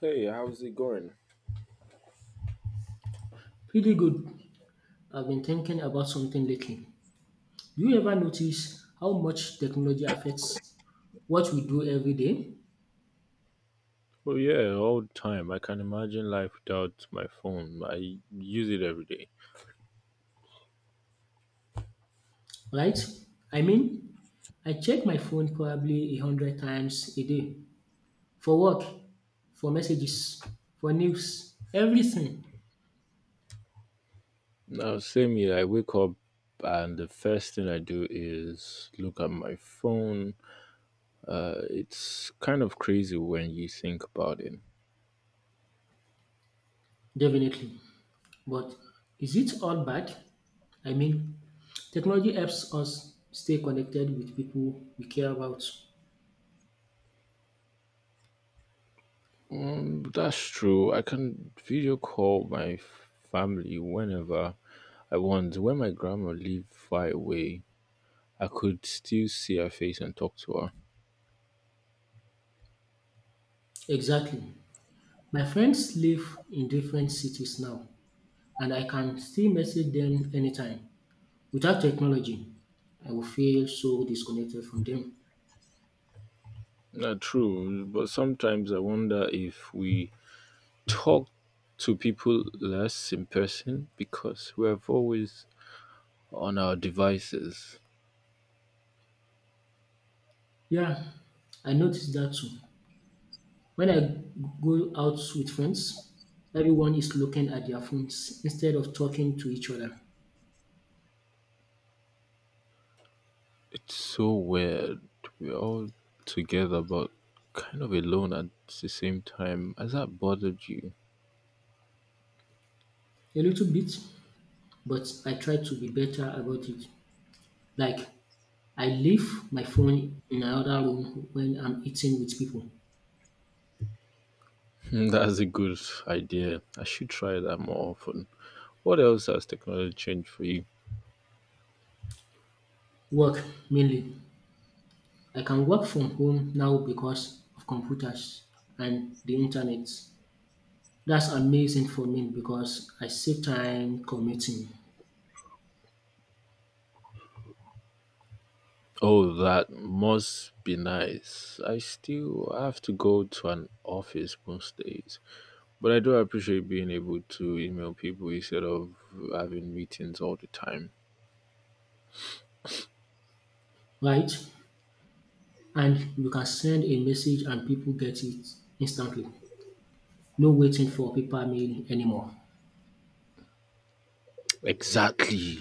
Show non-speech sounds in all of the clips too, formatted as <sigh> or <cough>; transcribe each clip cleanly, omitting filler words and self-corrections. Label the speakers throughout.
Speaker 1: Hey, how's it going?
Speaker 2: Pretty good. I've been thinking about something lately. Do you ever notice how much technology affects what we do every day?
Speaker 1: Oh yeah, all the time. I can imagine life without my phone. I use it every day.
Speaker 2: Right? I mean, I check my phone probably 100 times a day for work, for messages, for news, everything,
Speaker 1: Now, same here. I wake up and the first thing I do is look at my phone. It's kind of crazy when you think about it.
Speaker 2: definitely. But is it all bad? I mean, technology helps us stay connected with people we care about.
Speaker 1: Mm, that's true. I can video call my family whenever I want. When my grandma lived far away, I could still see her face and talk to her.
Speaker 2: Exactly. My friends live in different cities now and I can still message them anytime. Without technology, I will feel so disconnected from them.
Speaker 1: Not true, but sometimes I wonder if we talk to people less in person because we're always on our devices.
Speaker 2: Yeah, I noticed that too. When I go out with friends, everyone is looking at their phones instead of talking to each other.
Speaker 1: It's so weird. We're all together but kind of alone at the same time. Has that bothered you?
Speaker 2: A little bit, but I try to be better about it. Like, I leave my phone in another room when I'm eating with people.
Speaker 1: Hmm, that's a good idea. I should try that more often. What else has technology changed for you?
Speaker 2: Work, mainly. I can work from home now because of computers and the internet. That's amazing for me because I save time commuting,
Speaker 1: Oh, that must be nice. I still have to go to an office most days. But I do appreciate being able to email people instead of having meetings all the time.
Speaker 2: right? And you can send a message and people get it instantly. No waiting for paper mail anymore.
Speaker 1: Exactly.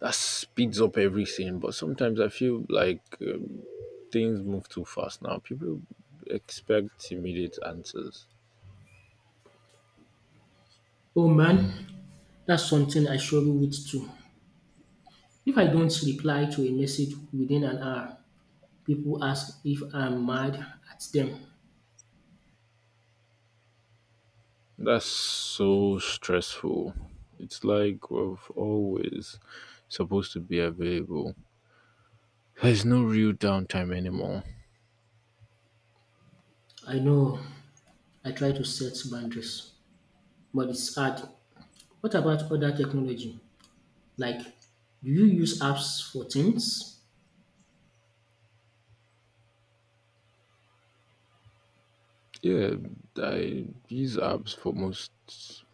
Speaker 1: That speeds up everything. But sometimes I feel like things move too fast now. People expect immediate answers.
Speaker 2: Oh man, that's something I struggle with too. If I don't reply to a message within an hour, people ask if I'm mad at them.
Speaker 1: That's so stressful. It's like we're always supposed to be available. There's no real downtime anymore.
Speaker 2: I know I try to set boundaries, but it's hard. What about other technology? Like, do you use apps for things?
Speaker 1: Yeah, I use apps for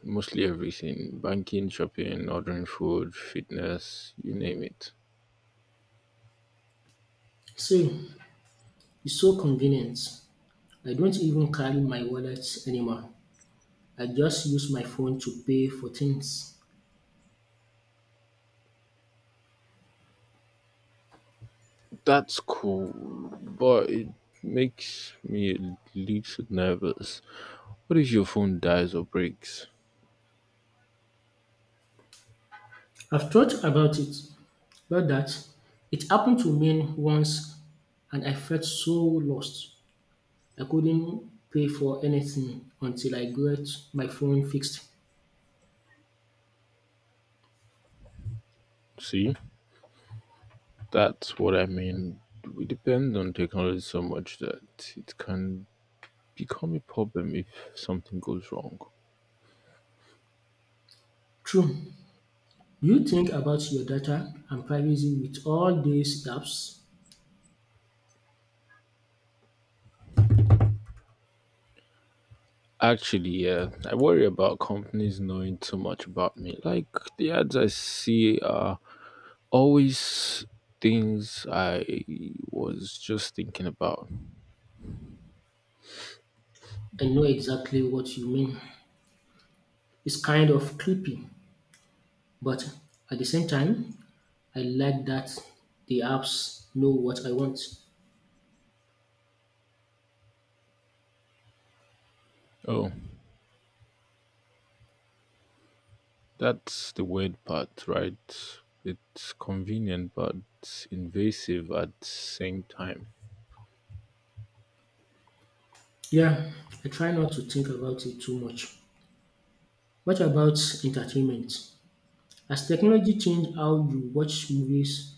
Speaker 1: mostly everything. Banking, shopping, ordering food, fitness, you name it.
Speaker 2: Same. It's so convenient. I don't even carry my wallet anymore. I just use my phone to pay for things.
Speaker 1: That's cool, but it makes me a little nervous. What if your phone dies or breaks?
Speaker 2: I've thought about that. It happened to me once and I felt so lost. I couldn't pay for anything until I got my phone fixed.
Speaker 1: See? That's what I mean. We depend on technology so much that it can become a problem if something goes wrong.
Speaker 2: True. You think about your data and privacy with all these apps
Speaker 1: Actually, yeah, I worry about companies knowing too much about me. Like the ads I see are always things I was just thinking about.
Speaker 2: and know exactly what you mean? It's kind of creepy, but at the same time, I like that the apps know what I want.
Speaker 1: Oh, that's the weird part, right? It's convenient but invasive at the same time.
Speaker 2: Yeah, I try not to think about it too much. What about entertainment? Has technology changed how you watch movies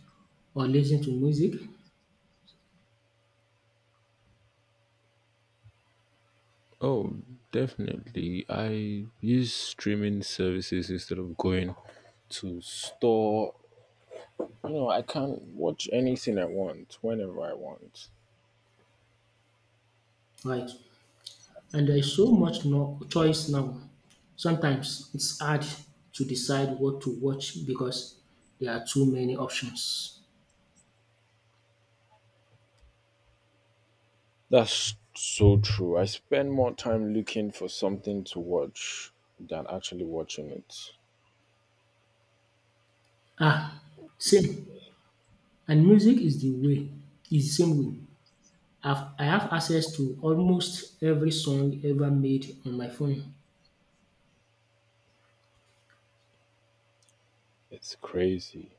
Speaker 2: or listen to music?
Speaker 1: Oh, definitely. I use streaming services instead of going to store. You know, I can watch anything I want whenever I want.
Speaker 2: Right. And there's so much no choice now. Sometimes it's hard to decide what to watch because there are too many options.
Speaker 1: That's so true. I spend more time looking for something to watch than actually watching it.
Speaker 2: Ah, same. And music is the same way. I have access to almost every song ever made on my phone.
Speaker 1: It's crazy.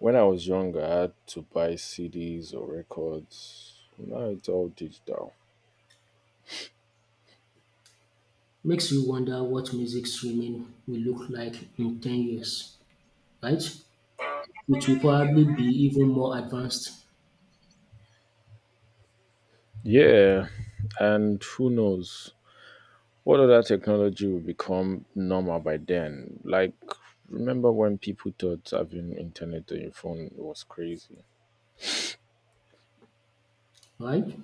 Speaker 1: When I was younger, I had to buy CDs or records. Now it's all digital.
Speaker 2: Makes you wonder what music streaming will look like in 10 years, right? It will probably be even more advanced,
Speaker 1: Yeah, and who knows what other technology will become normal by then? Like, remember when people thought having internet on your phone was crazy?
Speaker 2: right?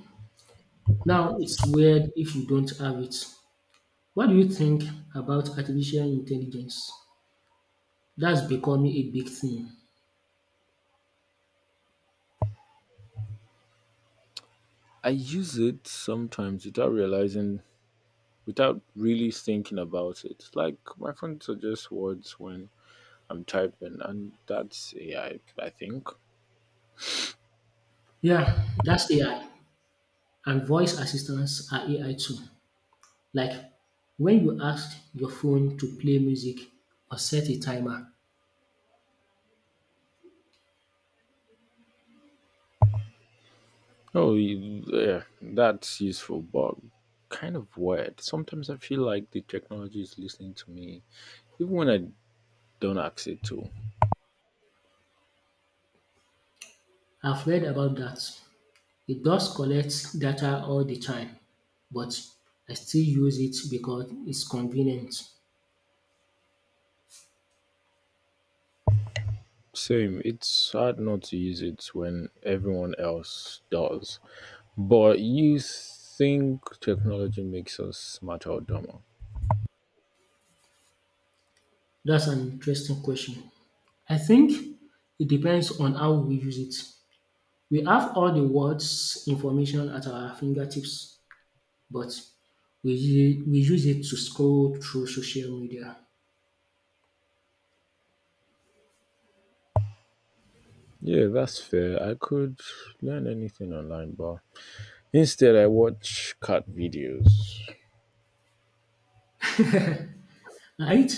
Speaker 2: Now it's weird if you don't have it. What do you think about artificial intelligence? That's becoming a big thing.
Speaker 1: I use it sometimes without really thinking about it. Like my phone suggests words when I'm typing, and that's AI, I think.
Speaker 2: Yeah, that's AI. And voice assistants are AI too. Like when you ask your phone to play music or set a timer,
Speaker 1: Oh, yeah, that's useful, but kind of weird. Sometimes I feel like the technology is listening to me, even when I don't ask it to.
Speaker 2: I've read about that. It does collect data all the time, but I still use it because it's convenient.
Speaker 1: Same, it's hard not to use it when everyone else does. But you think technology makes us smarter or dumber?
Speaker 2: That's an interesting question. I think it depends on how we use it. We have all the words information at our fingertips, but we use it to scroll through social media,
Speaker 1: Yeah, that's fair. I could learn anything online, but instead, I watch cat videos.
Speaker 2: right?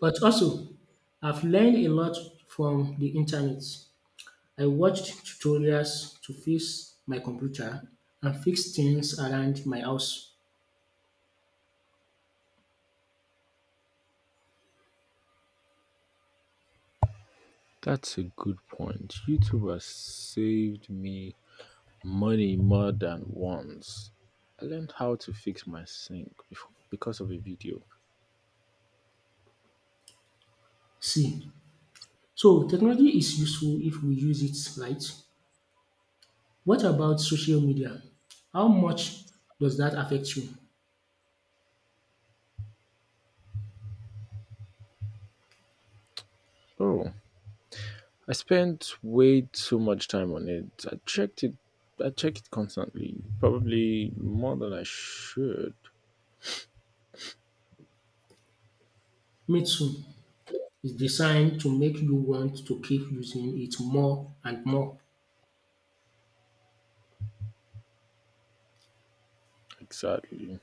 Speaker 2: But also, I've learned a lot from the internet. I watched tutorials to fix my computer and fix things around my house.
Speaker 1: That's a good point. YouTube has saved me money more than once. I learned how to fix my sink because of a video.
Speaker 2: See, so technology is useful if we use it right. What about social media? How much does that affect you?
Speaker 1: Oh, I spent way too much time on it. I check it constantly, probably more than I should.
Speaker 2: Me too. It's designed to make you want to keep using it more and more.
Speaker 1: Exactly.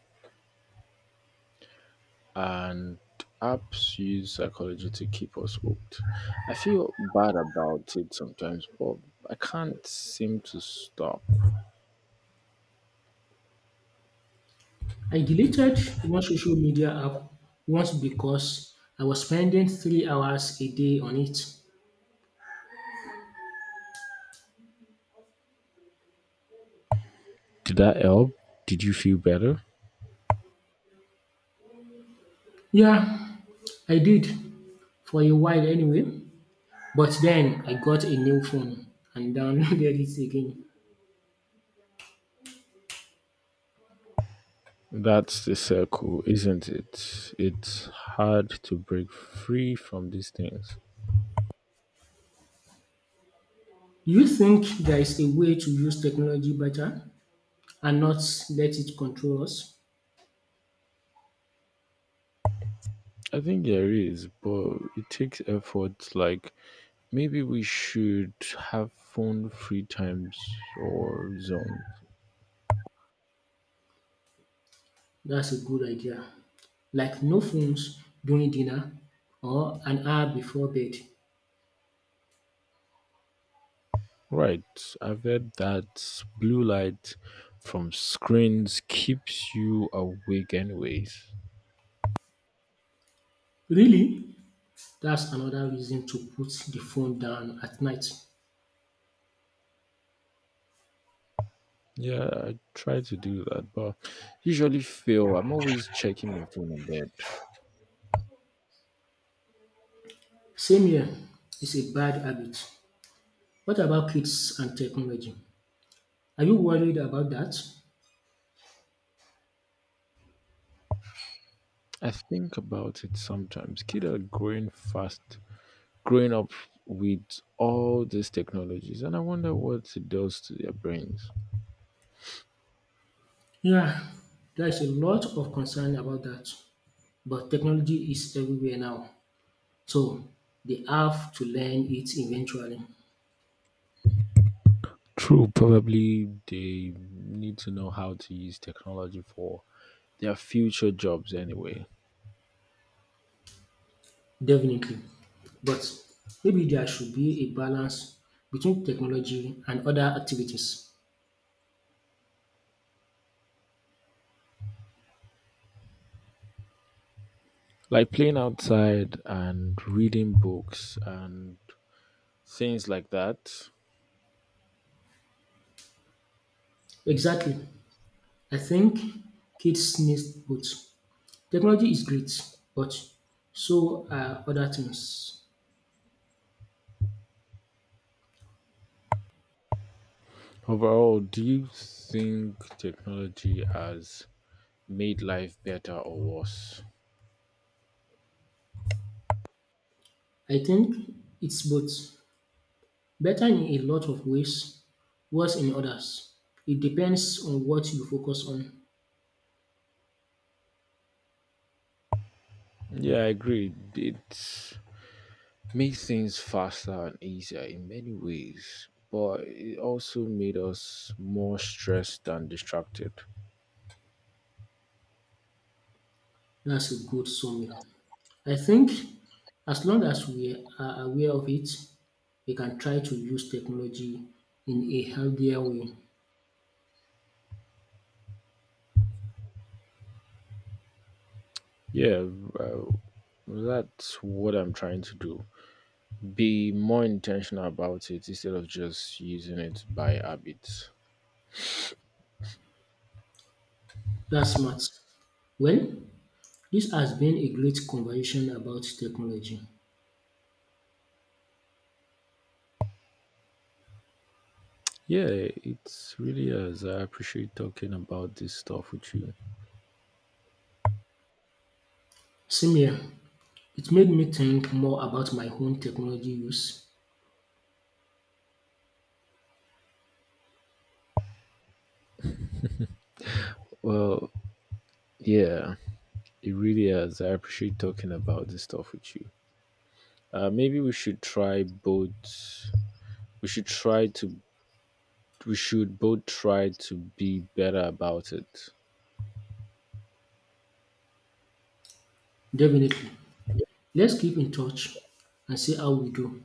Speaker 1: And apps use psychology to keep us hooked. I feel bad about it sometimes, but I can't seem to stop.
Speaker 2: I deleted one social media app once because I was spending 3 hours a day on it.
Speaker 1: Did that help? Did you feel better?
Speaker 2: Yeah, I did for a while anyway. But then I got a new phone and downloaded <laughs> it again.
Speaker 1: That's the circle, isn't it? It's hard to break free from these things.
Speaker 2: Do you think there is a way to use technology better and not let it control us?
Speaker 1: I think there is, but it takes effort. Like, maybe we should have phone free times or zones.
Speaker 2: That's a good idea. Like no phones during dinner or an hour before bed.
Speaker 1: Right. I've heard that blue light from screens keeps you awake anyways.
Speaker 2: Really? That's another reason to put the phone down at night.
Speaker 1: Yeah, I try to do that, but usually fail. I'm always checking my phone in bed.
Speaker 2: Same here. It's a bad habit. What about kids and technology? Are you worried about that?
Speaker 1: I think about it sometimes. Kids are growing up with all these technologies, and I wonder what it does to their brains.
Speaker 2: Yeah, there's a lot of concern about that. But technology is everywhere now, so they have to learn it eventually,
Speaker 1: True, probably they need to know how to use technology for their future jobs anyway.
Speaker 2: definitely. But maybe there should be a balance between technology and other activities.
Speaker 1: Like playing outside and reading books and things like that.
Speaker 2: Exactly. I think kids need both. Technology is great, but so are other things.
Speaker 1: Overall, do you think technology has made life better or worse?
Speaker 2: I think it's both. Better in a lot of ways, worse in others. It depends on what you focus on.
Speaker 1: Yeah, I agree. It made things faster and easier in many ways, but it also made us more stressed and distracted.
Speaker 2: That's a good summary. I think as long as we are aware of it, we can try to use technology in a healthier way.
Speaker 1: Yeah, uh, that's what I'm trying to do. Be more intentional about it instead of just using it by habit.
Speaker 2: That's smart. Well, this has been a great conversation about technology.
Speaker 1: Yeah, it really has. I appreciate talking about this stuff with you.
Speaker 2: Same here. It made me think more about my own technology use.
Speaker 1: Well, yeah, it really has. I appreciate talking about this stuff with you. Maybe we should try both. We should try to. We should both try to be better about it.
Speaker 2: Definitely. Let's keep in touch and see how we do.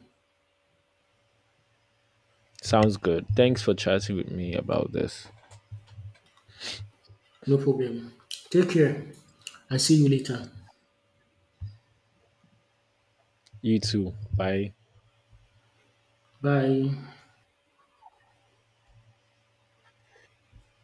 Speaker 1: Sounds good. Thanks for chatting with me about this.
Speaker 2: No problem. Take care and see you later.
Speaker 1: You too. Bye.
Speaker 2: Bye.